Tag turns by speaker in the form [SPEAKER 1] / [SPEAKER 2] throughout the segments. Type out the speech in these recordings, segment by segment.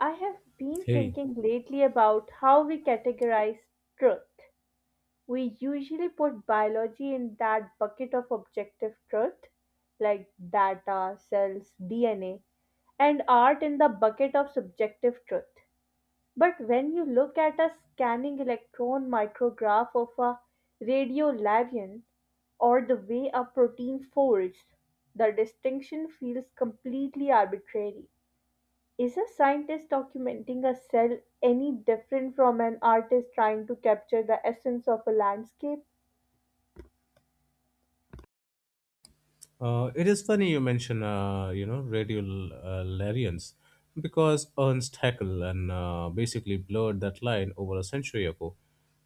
[SPEAKER 1] I have been
[SPEAKER 2] Hey.
[SPEAKER 1] thinking lately about how we categorize truth. We usually put biology in that bucket of objective truth, like data, cells, DNA, and art in the bucket of subjective truth. But when you look at a scanning electron micrograph of a radiolabyon or the way a protein folds, the distinction feels completely arbitrary. Is a scientist documenting a cell any different from an artist trying to capture the essence of a landscape?
[SPEAKER 2] It is funny you mention, radiolarians because Ernst Haeckel and basically blurred that line over a century ago.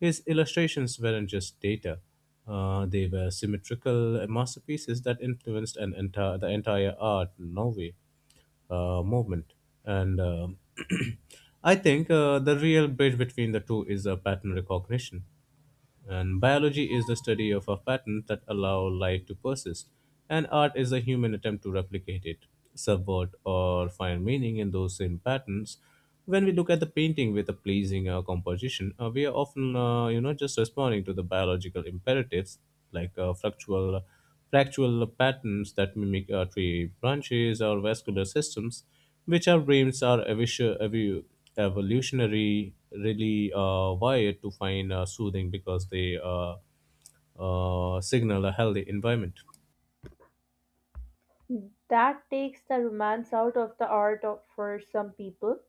[SPEAKER 2] His illustrations weren't just data; they were symmetrical masterpieces that influenced an entire the entire art Norway movement. And I think the real bridge between the two is pattern recognition. And biology is the study of a pattern that allow life to persist, and art is a human attempt to replicate it, subvert or find meaning in those same patterns. When we look at the painting with a pleasing composition, we are often, just responding to the biological imperatives like fluctual, fractual patterns that mimic tree branches or vascular systems which our brains are evolutionary really wired to find soothing because they signal a healthy environment.
[SPEAKER 1] That takes the romance out of the art of, for some people,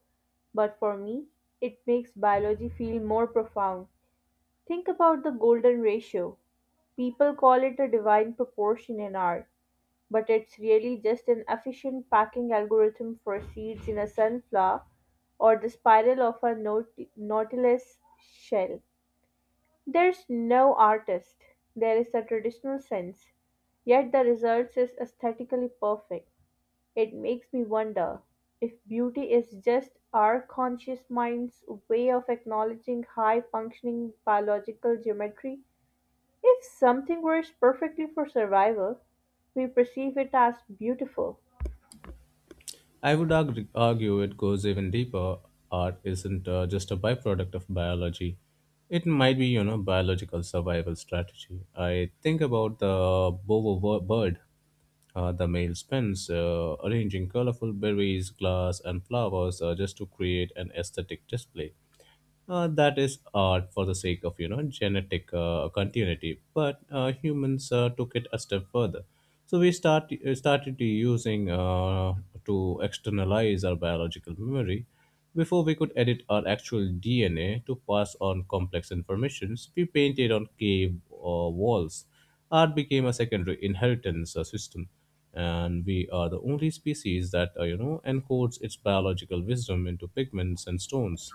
[SPEAKER 1] but for me, it makes biology feel more profound. Think about the golden ratio. People call it a divine proportion in art, but it's really just an efficient packing algorithm for seeds in a sunflower or the spiral of a nautilus shell. There's no artist, there is a traditional sense, yet the result is aesthetically perfect. It makes me wonder if beauty is just our conscious mind's way of acknowledging high functioning biological geometry. If something works perfectly for survival, we perceive it as beautiful.
[SPEAKER 2] I would argue it goes even deeper. Art isn't just a byproduct of biology. It might be, you know, biological survival strategy. I think about the bird. The male spends arranging colorful berries, glass, and flowers just to create an aesthetic display. That is art for the sake of you know genetic continuity, but humans took it a step further. So we start started to using to externalize our biological memory before we could edit our actual dna to pass on complex informations. We painted on cave walls. Art became a secondary inheritance system, and we are the only species that encodes its biological wisdom into pigments and stones.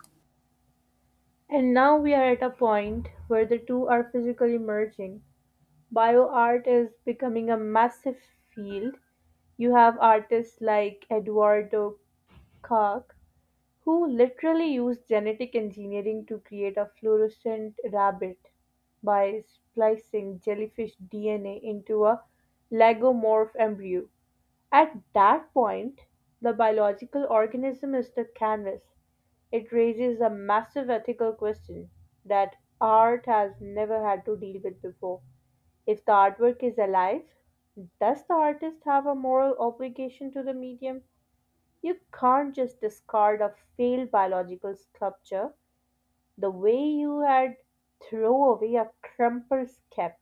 [SPEAKER 1] And now we are at a point where the two are physically merging. Bio art is becoming a massive field. You have artists like Eduardo Koch who literally used genetic engineering to create a fluorescent rabbit by splicing jellyfish DNA into a lagomorph embryo. At that point, the biological organism is the canvas. It raises a massive ethical question that art has never had to deal with before. If the artwork is alive, does the artist have a moral obligation to the medium? You can't just discard a failed biological sculpture the way you had throw away a crumpled scap.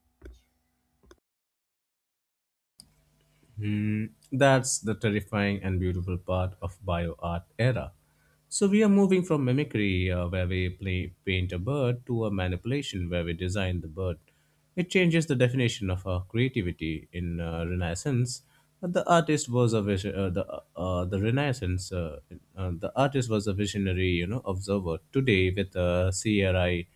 [SPEAKER 2] Hmm, that's the terrifying and beautiful part of bioart era. So we are moving from mimicry, where we paint a bird, to a manipulation, where we design the bird. It changes the definition of our creativity. In Renaissance, the artist was a vision. The Renaissance, the artist was a visionary, you know, observer. Today, with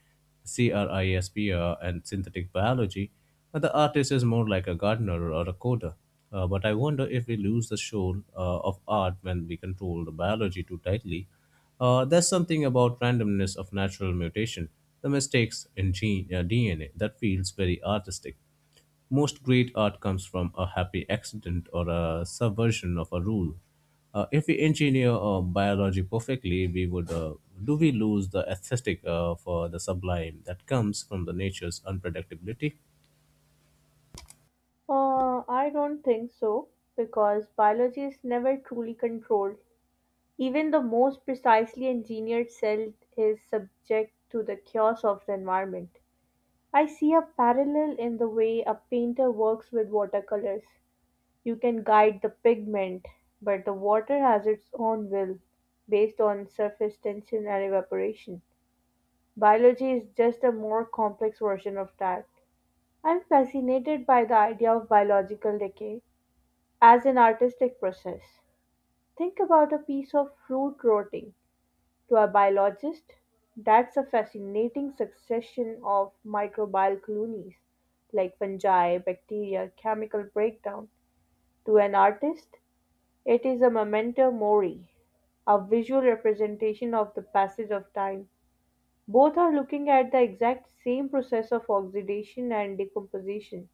[SPEAKER 2] CRISPR and synthetic biology, but the artist is more like a gardener or a coder. But I wonder if we lose the soul of art when we control the biology too tightly. There's something about randomness of natural mutation, the mistakes in DNA, that feels very artistic. Most great art comes from a happy accident or a subversion of a rule. If we engineer biology perfectly, we would do we lose the aesthetic for the sublime that comes from the nature's unpredictability?
[SPEAKER 1] I don't think so, because biology is never truly controlled. Even the most precisely engineered cell is subject to the chaos of the environment. I see a parallel in the way a painter works with watercolors. You can guide the pigment, but the water has its own will based on surface tension and evaporation. Biology is just a more complex version of that. I'm fascinated by the idea of biological decay as an artistic process. Think about a piece of fruit rotting. To a biologist, that's a fascinating succession of microbial colonies, like fungi, bacteria, chemical breakdown. To an artist, it is a memento mori, a visual representation of the passage of time. Both are looking at the exact same process of oxidation and decomposition,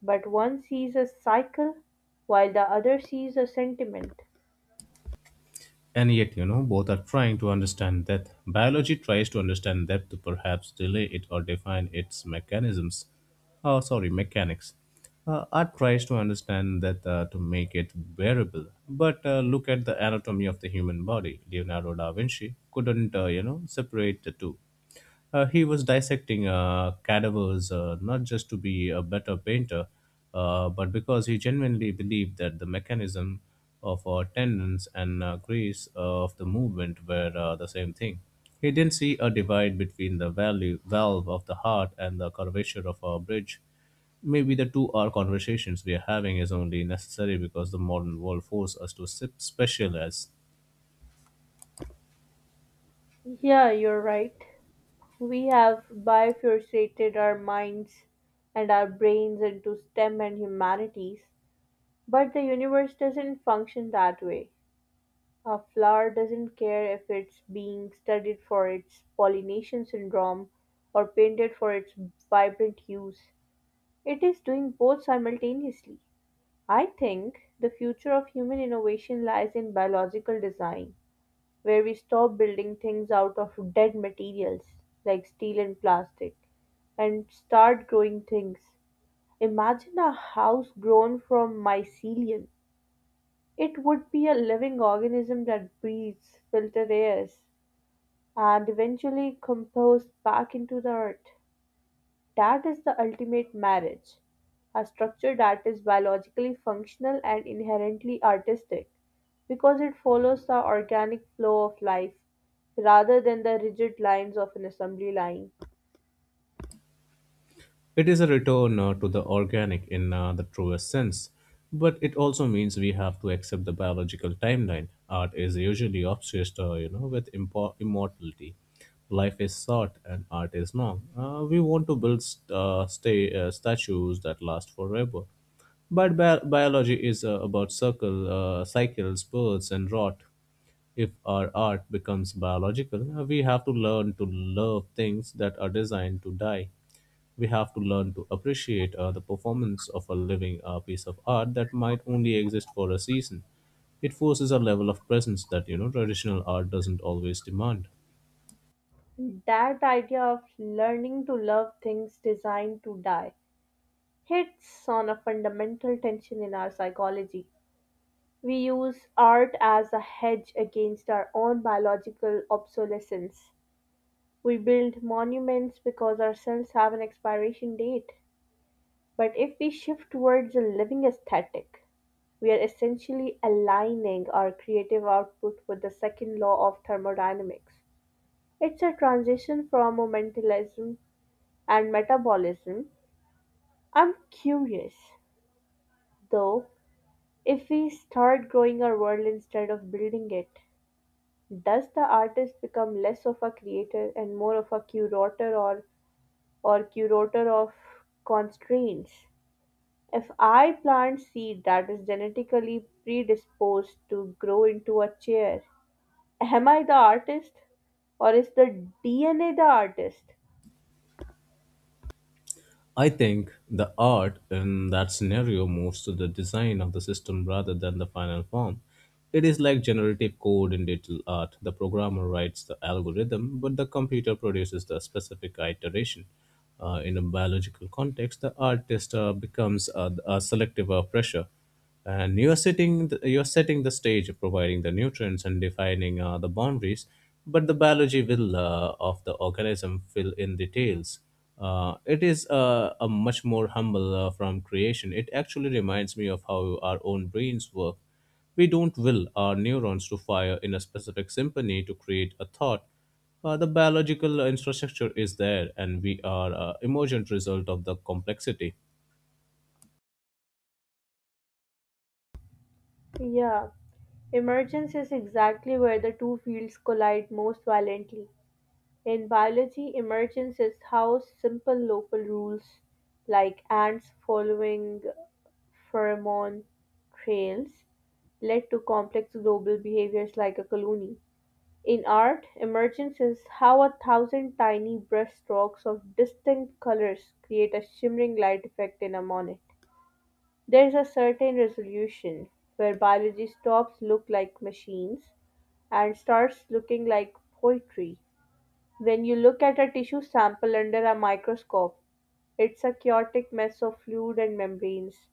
[SPEAKER 1] but one sees a cycle while the other sees a sentiment.
[SPEAKER 2] And yet, you know, both are trying to understand death. Biology tries to understand death to perhaps delay it or define its mechanisms. Oh, sorry, mechanics. Art tries to understand that to make it bearable. But look at the anatomy of the human body. Leonardo da Vinci couldn't, separate the two. He was dissecting cadavers not just to be a better painter, but because he genuinely believed that the mechanism of our tendons and grace of the movement were the same thing. He didn't see a divide between the valve of the heart and the curvature of our bridge. Maybe the 2 hour conversations we are having is only necessary because the modern world forces us to sip specialize.
[SPEAKER 1] Yeah, you're right. We have bifurcated our minds and our brains into STEM and humanities, but the universe doesn't function that way. A flower doesn't care if it's being studied for its pollination syndrome or painted for its vibrant hues. It is doing both simultaneously. I think the future of human innovation lies in biological design where we stop building things out of dead materials like steel and plastic and start growing things. Imagine a house grown from mycelium. It would be a living organism that breathes, filters air, and eventually composts back into the earth. That is the ultimate marriage, a structure that is biologically functional and inherently artistic, because it follows the organic flow of life rather than the rigid lines of an assembly line.
[SPEAKER 2] It is a return to the organic in the truest sense, but it also means we have to accept the biological timeline. Art is usually obsessed, with immortality. Life is short and art is long. We want to build statues that last forever. But biology is about cycles, births, and rot. If our art becomes biological, we have to learn to love things that are designed to die. We have to learn to appreciate the performance of a living piece of art that might only exist for a season. It forces a level of presence that you know traditional art doesn't always demand.
[SPEAKER 1] That idea of learning to love things designed to die hits on a fundamental tension in our psychology. We use art as a hedge against our own biological obsolescence. We build monuments because our cells have an expiration date. But if we shift towards a living aesthetic, we are essentially aligning our creative output with the second law of thermodynamics. It's a transition from momentalism and metabolism. I'm curious, though, if we start growing our world instead of building it, does the artist become less of a creator and more of a curator or curator of constraints. If I plant seed that is genetically predisposed to grow into a chair, am I the artist or is the DNA the artist?
[SPEAKER 2] I think the art in that scenario moves to the design of the system rather than the final form. It is like generative code in digital art. The programmer writes the algorithm, but the computer produces the specific iteration. In a biological context, the artist becomes a selective pressure, and you are setting the stage, providing the nutrients and defining the boundaries, but the biology will of the organism fill in details. It is a much more humble from creation. It actually reminds me of how our own brains work. We don't will our neurons to fire in a specific symphony to create a thought. The biological infrastructure is there, and we are emergent result of the complexity.
[SPEAKER 1] Yeah, emergence is exactly where the two fields collide most violently. In biology, emergence is how simple local rules like ants following pheromone trails led to complex global behaviors like a colony. In art, emergence is how a thousand tiny brushstrokes of distinct colors create a shimmering light effect in a monet. There is a certain resolution where biology stops look like machines and starts looking like poetry. When you look at a tissue sample under a microscope, it's a chaotic mess of fluid and membranes.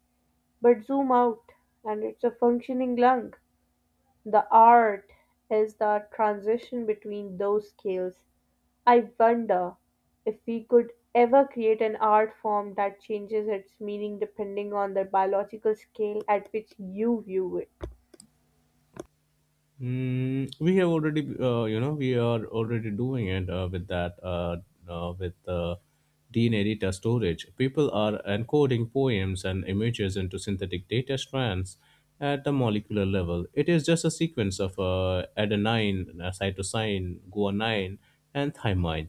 [SPEAKER 1] But zoom out, and it's a functioning lung. The art is the transition between those scales. I wonder if we could ever create an art form that changes its meaning depending on the biological scale at which you view it.
[SPEAKER 2] Mm, we have already, we are already doing it with Dean Editor storage. People are encoding poems and images into synthetic data strands at the molecular level. It is just a sequence of adenine, cytosine, guanine, and thymine,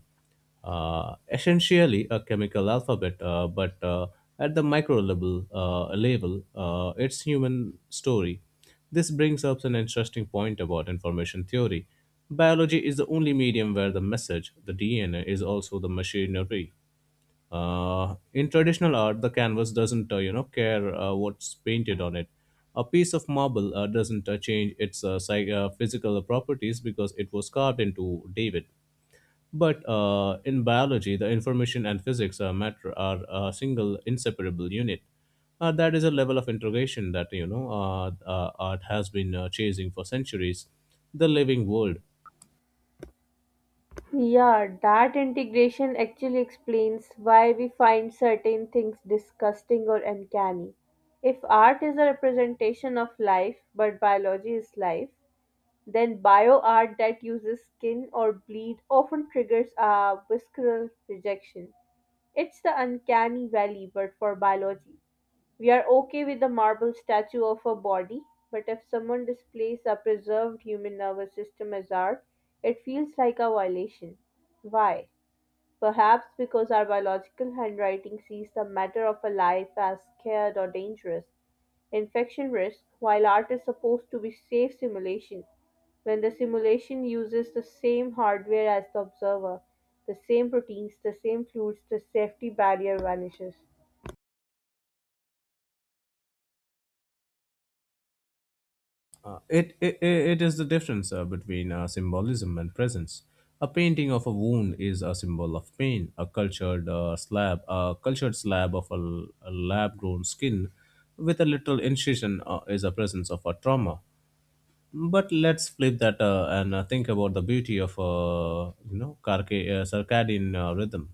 [SPEAKER 2] essentially a chemical alphabet, but at the micro level it's human story. This brings up an interesting point about information theory. Biology is the only medium where the message, the DNA, is also the machinery. In traditional art, the canvas doesn't, care what's painted on it. A piece of marble doesn't change its physical properties because it was carved into David, but in biology, the information and physics matter are a single inseparable unit. That is a level of integration that art has been chasing for centuries. The living world.
[SPEAKER 1] Yeah, that integration actually explains why we find certain things disgusting or uncanny. If art is a representation of life, but biology is life, then bioart that uses skin or bleed often triggers a visceral rejection. It's the uncanny valley, but for biology. We are okay with the marble statue of a body, but if someone displays a preserved human nervous system as art, it feels like a violation. Why? Perhaps because our biological handwriting sees the matter of a life as scared or dangerous, infection risk, while art is supposed to be safe simulation. When the simulation uses the same hardware as the observer, the same proteins, the same fluids, the safety barrier vanishes.
[SPEAKER 2] It is the difference between symbolism and presence. A painting of a wound is a symbol of pain. A cultured slab of a, lab grown skin with a little incision is a presence of a trauma. But let's flip that and think about the beauty of circadian rhythm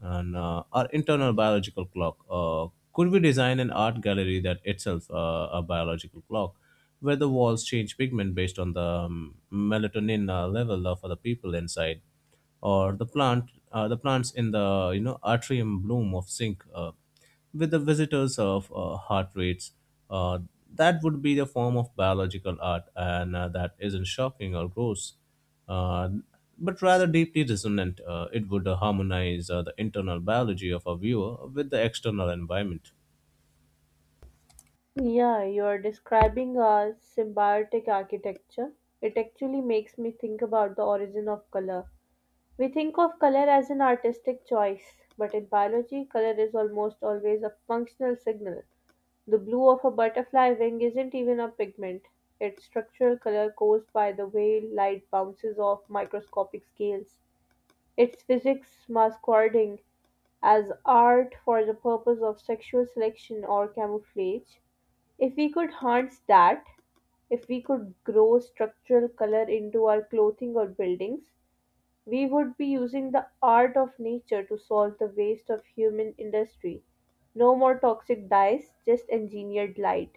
[SPEAKER 2] and our internal biological clock. Could we design an art gallery that itself a biological clock, where the walls change pigment based on the melatonin level of other people inside, or the plants in the you know atrium bloom of sink with the visitors of heart rates. Uh, that would be the form of biological art, and that isn't shocking or gross, uh, but rather deeply resonant. It would harmonize the internal biology of a viewer with the external environment.
[SPEAKER 1] Yeah, you're describing a symbiotic architecture. It actually makes me think about the origin of color. We think of color as an artistic choice, but in biology, color is almost always a functional signal. The blue of a butterfly wing isn't even a pigment, it's structural color caused by the way light bounces off microscopic scales. It's physics masquerading as art for the purpose of sexual selection or camouflage. If we could harness that, if we could grow structural color into our clothing or buildings, we would be using the art of nature to solve the waste of human industry. No more toxic dyes, just engineered light.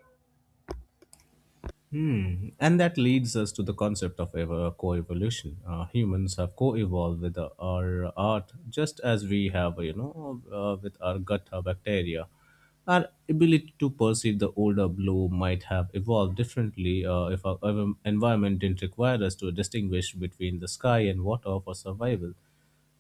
[SPEAKER 2] Hmm. And that leads us to the concept of co-evolution. Humans have co-evolved with our art, just as we have, with our gut bacteria. Our ability to perceive the older blue might have evolved differently if our environment didn't require us to distinguish between the sky and water for survival.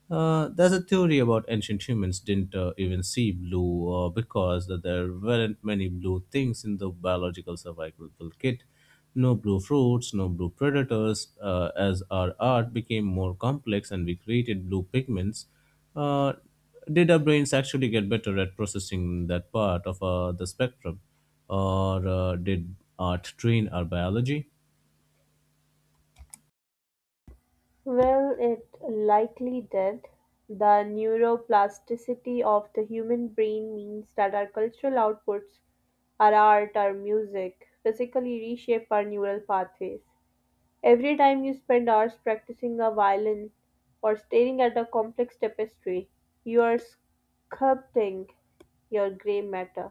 [SPEAKER 2] There's a theory about ancient humans didn't even see blue because that there weren't many blue things in the biological survival kit. No blue fruits, no blue predators. As our art became more complex and we created blue pigments, uh, did our brains actually get better at processing that part of the spectrum, or did art train our biology?
[SPEAKER 1] Well, it likely did. The neuroplasticity of the human brain means that our cultural outputs, our art, our music, physically reshape our neural pathways. Every time you spend hours practicing a violin or staring at a complex tapestry, you are sculpting your gray matter.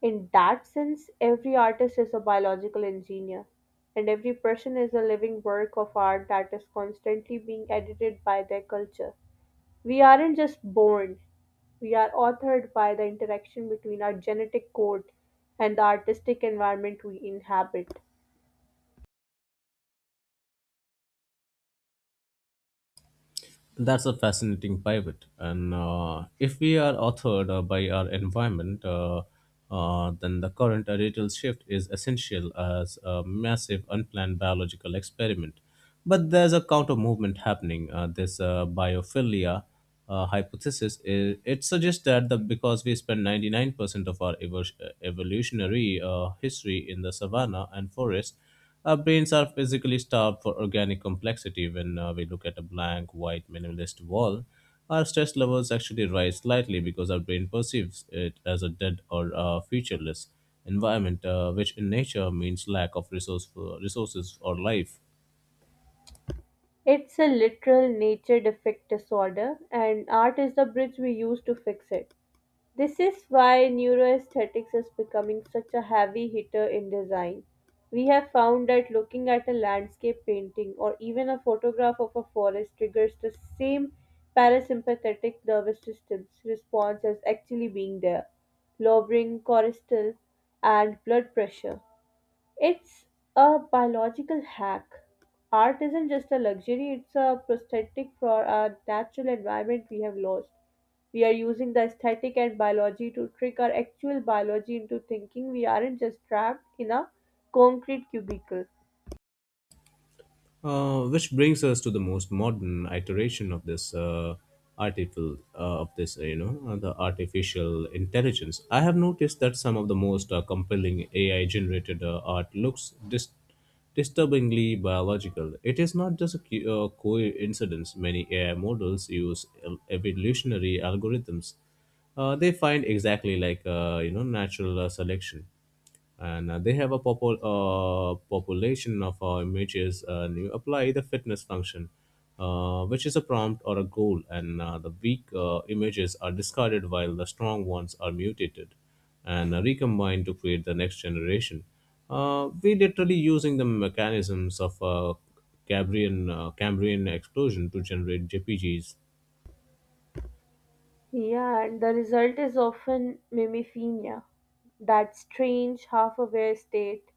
[SPEAKER 1] In that sense, every artist is a biological engineer, and every person is a living work of art that is constantly being edited by their culture. We aren't just born, we are authored by the interaction between our genetic code and the artistic environment we inhabit.
[SPEAKER 2] That's a fascinating pivot. And if we are authored by our environment, then the current radical shift is essential as a massive unplanned biological experiment. But there's a counter movement happening. This biophilia hypothesis is, it suggests that the because we spend 99% of our evolutionary history in the savanna and forest, our brains are physically starved for organic complexity. When we look at a blank, white, minimalist wall, our stress levels actually rise slightly because our brain perceives it as a dead or featureless environment, which in nature means lack of resourceful resources or life.
[SPEAKER 1] It's a literal nature defect disorder, and art is the bridge we use to fix it. This is why neuroaesthetics is becoming such a heavy hitter in design. We have found that looking at a landscape painting or even a photograph of a forest triggers the same parasympathetic nervous system's response as actually being there, lowering cortisol and blood pressure. It's a biological hack. Art isn't just a luxury, it's a prosthetic for our natural environment we have lost. We are using the aesthetic and biology to trick our actual biology into thinking we aren't just trapped in a concrete cubicle.
[SPEAKER 2] Which brings us to the most modern iteration of this artificial of this you know the artificial intelligence. I have noticed that some of the most compelling AI generated art looks disturbingly biological. It is not just a coincidence. Many AI models use evolutionary algorithms. They find, exactly like you know, natural selection, and they have a population of images, and you apply the fitness function, which is a prompt or a goal, and the weak images are discarded while the strong ones are mutated and recombined to create the next generation. We literally using the mechanisms of cambrian explosion to generate jpgs.
[SPEAKER 1] Yeah, and the result is often mimiphenia, that strange half aware state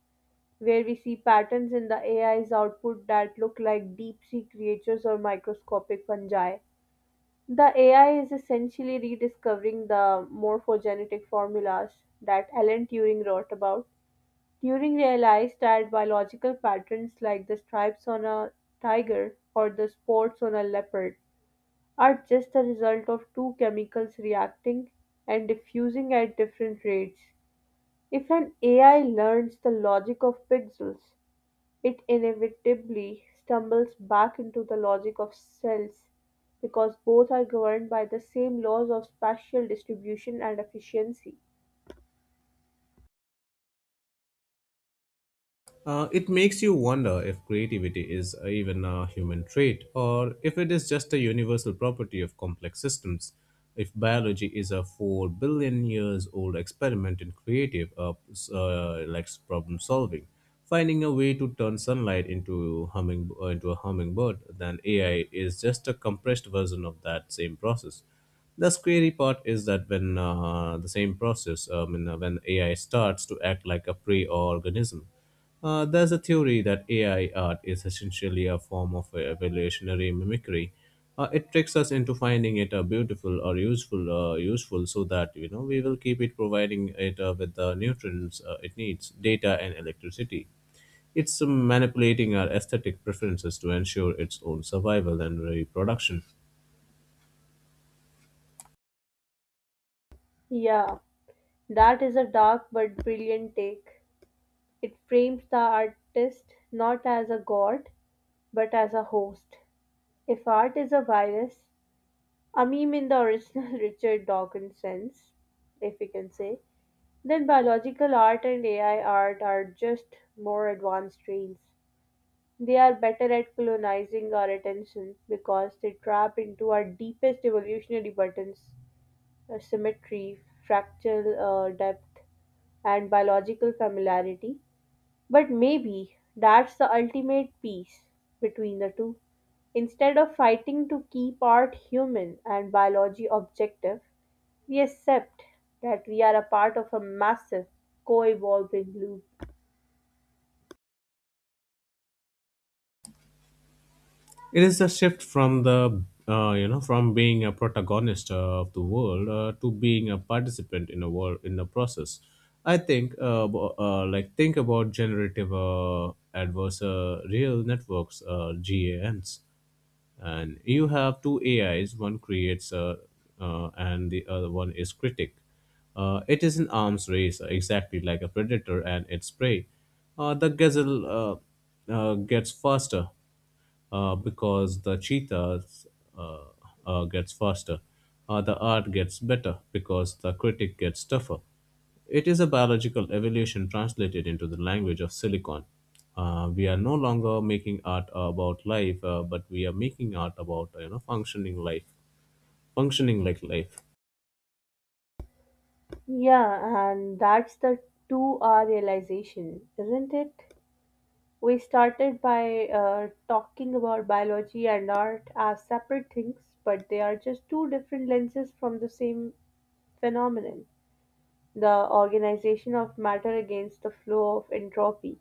[SPEAKER 1] where we see patterns in the AI's output that look like deep sea creatures or microscopic fungi. The AI is essentially rediscovering the morphogenetic formulas that Alan Turing wrote about. Turing realized that biological patterns like the stripes on a tiger or the spots on a leopard are just the result of two chemicals reacting and diffusing at different rates. If an AI learns the logic of pixels, it inevitably stumbles back into the logic of cells, because both are governed by the same laws of spatial distribution and efficiency.
[SPEAKER 2] It makes you wonder if creativity is even a human trait, or if it is just a universal property of complex systems. If biology is a 4 billion years old experiment in creative like problem solving, finding a way to turn sunlight into humming into a hummingbird, then AI is just a compressed version of that same process. The scary part is that when the same process, I mean, when AI starts to act like a prey organism, there's a theory that AI art is essentially a form of evolutionary mimicry. It tricks us into finding it beautiful or useful, so that you know we will keep it, providing it with the nutrients it needs, data and electricity. It's manipulating our aesthetic preferences to ensure its own survival and reproduction.
[SPEAKER 1] Yeah, that is a dark but brilliant take. It frames the artist not as a god, but as a host. If art is a virus, a meme in the original Richard Dawkins sense, if we can say, then biological art and AI art are just more advanced strains. They are better at colonizing our attention because they trap into our deepest evolutionary buttons symmetry, fractal depth, and biological familiarity. But maybe that's the ultimate peace between the two. Instead of fighting to keep art human and biology objective, we accept that we are a part of a massive co evolving loop.
[SPEAKER 2] It is a shift from the you know from being a protagonist of the world to being a participant in a world in the process. I think like think about generative adversarial networks, GANs. And you have two AIs. One creates and the other one is critic. It is an arms race, exactly like a predator and its prey. The gazelle gets faster, because the cheetahs uh, gets faster. The art gets better because the critic gets tougher. It is a biological evolution translated into the language of silicon. We are no longer making art about life, but we are making art about you know functioning life, functioning like life.
[SPEAKER 1] Yeah, and that's the 2R realization, isn't it? We started by talking about biology and art as separate things, but they are just two different lenses from the same phenomenon, the organization of matter against the flow of entropy.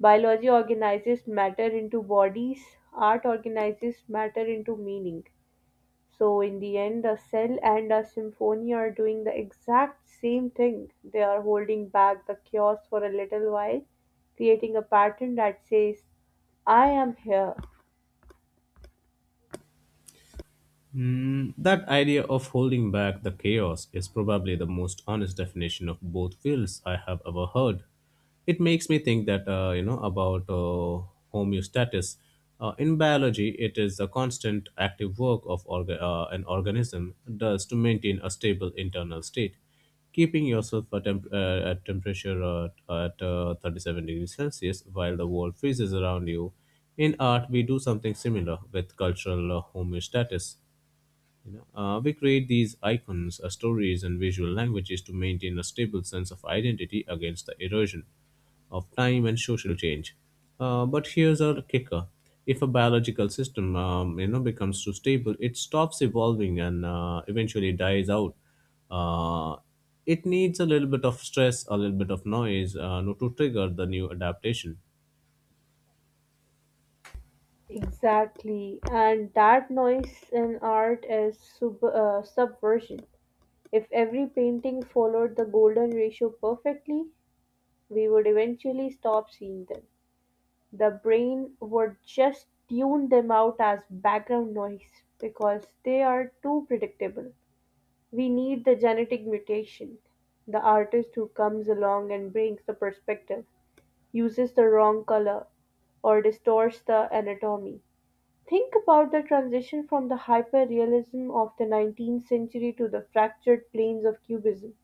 [SPEAKER 1] Biology organizes matter into bodies, art organizes matter into meaning. So in the end, a cell and a symphony are doing the exact same thing. They are holding back the chaos for a little while, creating a pattern that says, I am here.
[SPEAKER 2] Hmm, that idea of holding back the chaos is probably the most honest definition of both wills I have ever heard. It makes me think that you know about homeostasis. In biology, it is the constant active work of an organism does to maintain a stable internal state. Keeping yourself at temperature at 37 degrees Celsius while the world freezes around you. In art, we do something similar with cultural homeostasis. You know, we create these icons, stories, and visual languages to maintain a stable sense of identity against the erosion of time and social change. But here's our kicker: if a biological system, you know, becomes too stable, it stops evolving and eventually dies out. Uh, it needs a little bit of stress, a little bit of noise, to trigger the new adaptation.
[SPEAKER 1] Exactly. And that noise in art is subversion. If every painting followed the golden ratio perfectly, we would eventually stop seeing them. The brain would just tune them out as background noise because they are too predictable. We need the genetic mutation, the artist who comes along and brings the perspective, uses the wrong color, or distorts the anatomy. Think about the transition from the hyperrealism of the 19th century to the fractured planes of Cubism.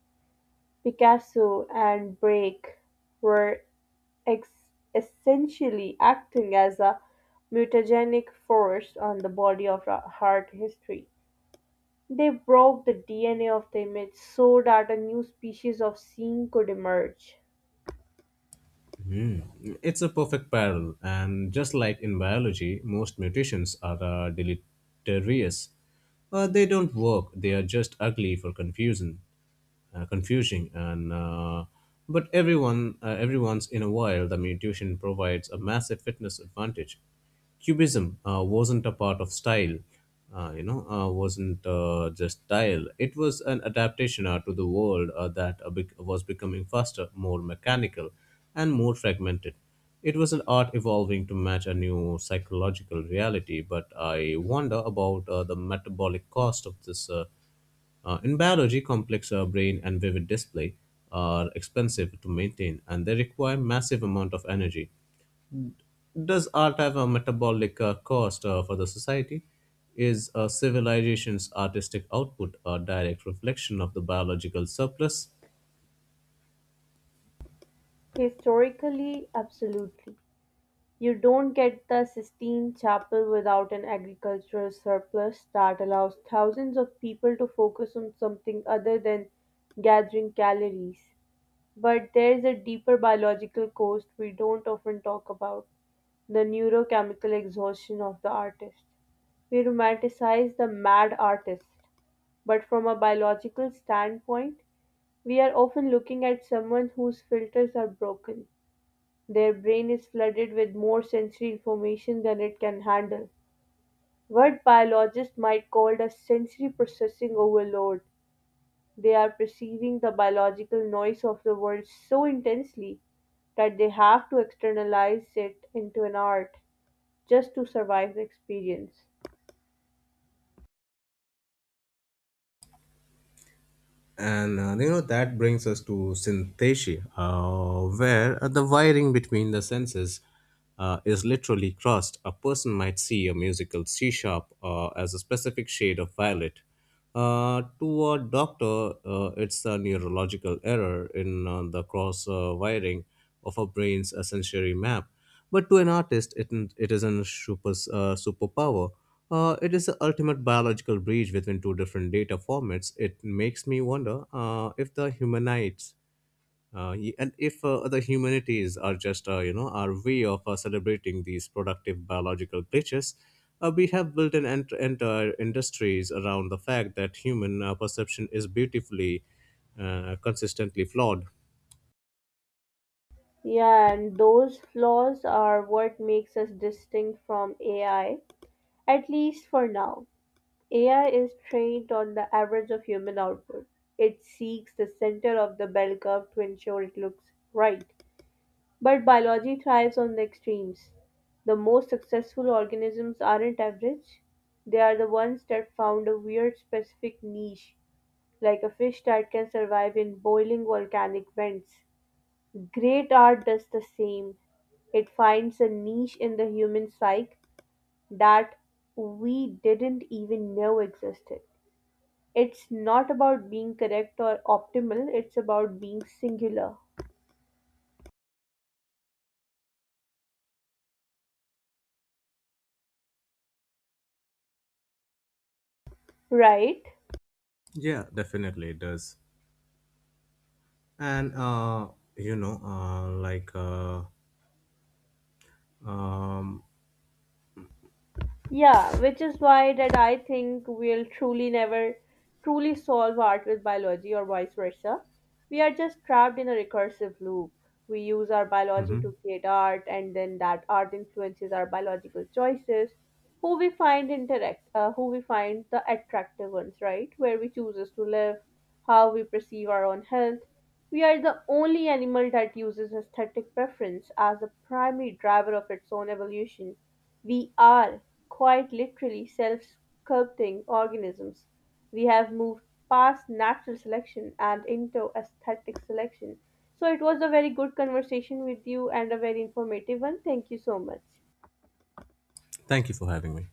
[SPEAKER 1] Picasso and Braque were ex- essentially acting as a mutagenic force on the body of heart history. They broke the DNA of the image so that a new species of scene could emerge.
[SPEAKER 2] Hmm. It's a perfect parallel, and just like in biology, most mutations are deleterious. They don't work, they are just ugly for confusion confusing, and but every once in a while the mutation provides a massive fitness advantage. Cubism wasn't a part of style you know wasn't just style. It was an adaptation to the world was becoming faster, more mechanical, and more fragmented. It was an art evolving to match a new psychological reality. But I wonder about the metabolic cost of this in biology. Complex brain and vivid display are expensive to maintain, and they require massive amount of energy. Does art have a metabolic cost for the society? Is a civilization's artistic output a direct reflection of the biological surplus?
[SPEAKER 1] Historically, absolutely. You don't get the Sistine Chapel without an agricultural surplus that allows thousands of people to focus on something other than gathering calories. But there's a deeper biological cost we don't often talk about, the neurochemical exhaustion of the artist. We romanticize the mad artist, but from a biological standpoint, we are often looking at someone whose filters are broken. Their brain is flooded with more sensory information than it can handle. What biologists might call a sensory processing overload. They are perceiving the biological noise of the world so intensely that they have to externalize it into an art just to survive the experience.
[SPEAKER 2] And you know, that brings us to synesthesia, where the wiring between the senses is literally crossed. A person might see a musical C sharp as a specific shade of violet. To a doctor, it's a neurological error in the cross wiring of a brain's sensory map. But to an artist, it is a superpower. It is the ultimate biological bridge between two different data formats. It makes me wonder if the humanites and if the humanities are just our way of celebrating these productive biological glitches. We have built an entire industries around the fact that human perception is beautifully, consistently flawed.
[SPEAKER 1] Yeah, and those flaws are what makes us distinct from AI, at least for now. AI is trained on the average of human output. It seeks the center of the bell curve to ensure it looks right. But biology thrives on the extremes. The most successful organisms aren't average, they are the ones that found a weird specific niche, like a fish that can survive in boiling volcanic vents. Great art does the same. It finds a niche in the human psyche that we didn't even know existed. It's not about being correct or optimal, it's about being singular, right?
[SPEAKER 2] Yeah, definitely it does. And you know like um
[SPEAKER 1] Yeah, which is why that I think we'll truly never truly solve art with biology or vice versa. We are just trapped in a recursive loop. We use our biology
[SPEAKER 2] mhm.
[SPEAKER 1] to create art, and then that art influences our biological choices, who we find interact, who we find the attractive ones, right? Where we chooses to live, how we perceive our own health. We are the only animal that uses aesthetic preference as the primary driver of its own evolution. We are, quite literally, self sculpting organisms. We have moved past natural selection and into aesthetic selection. So, it was a very good conversation with you and a very informative one. Thank you so much.
[SPEAKER 2] Thank you for having me.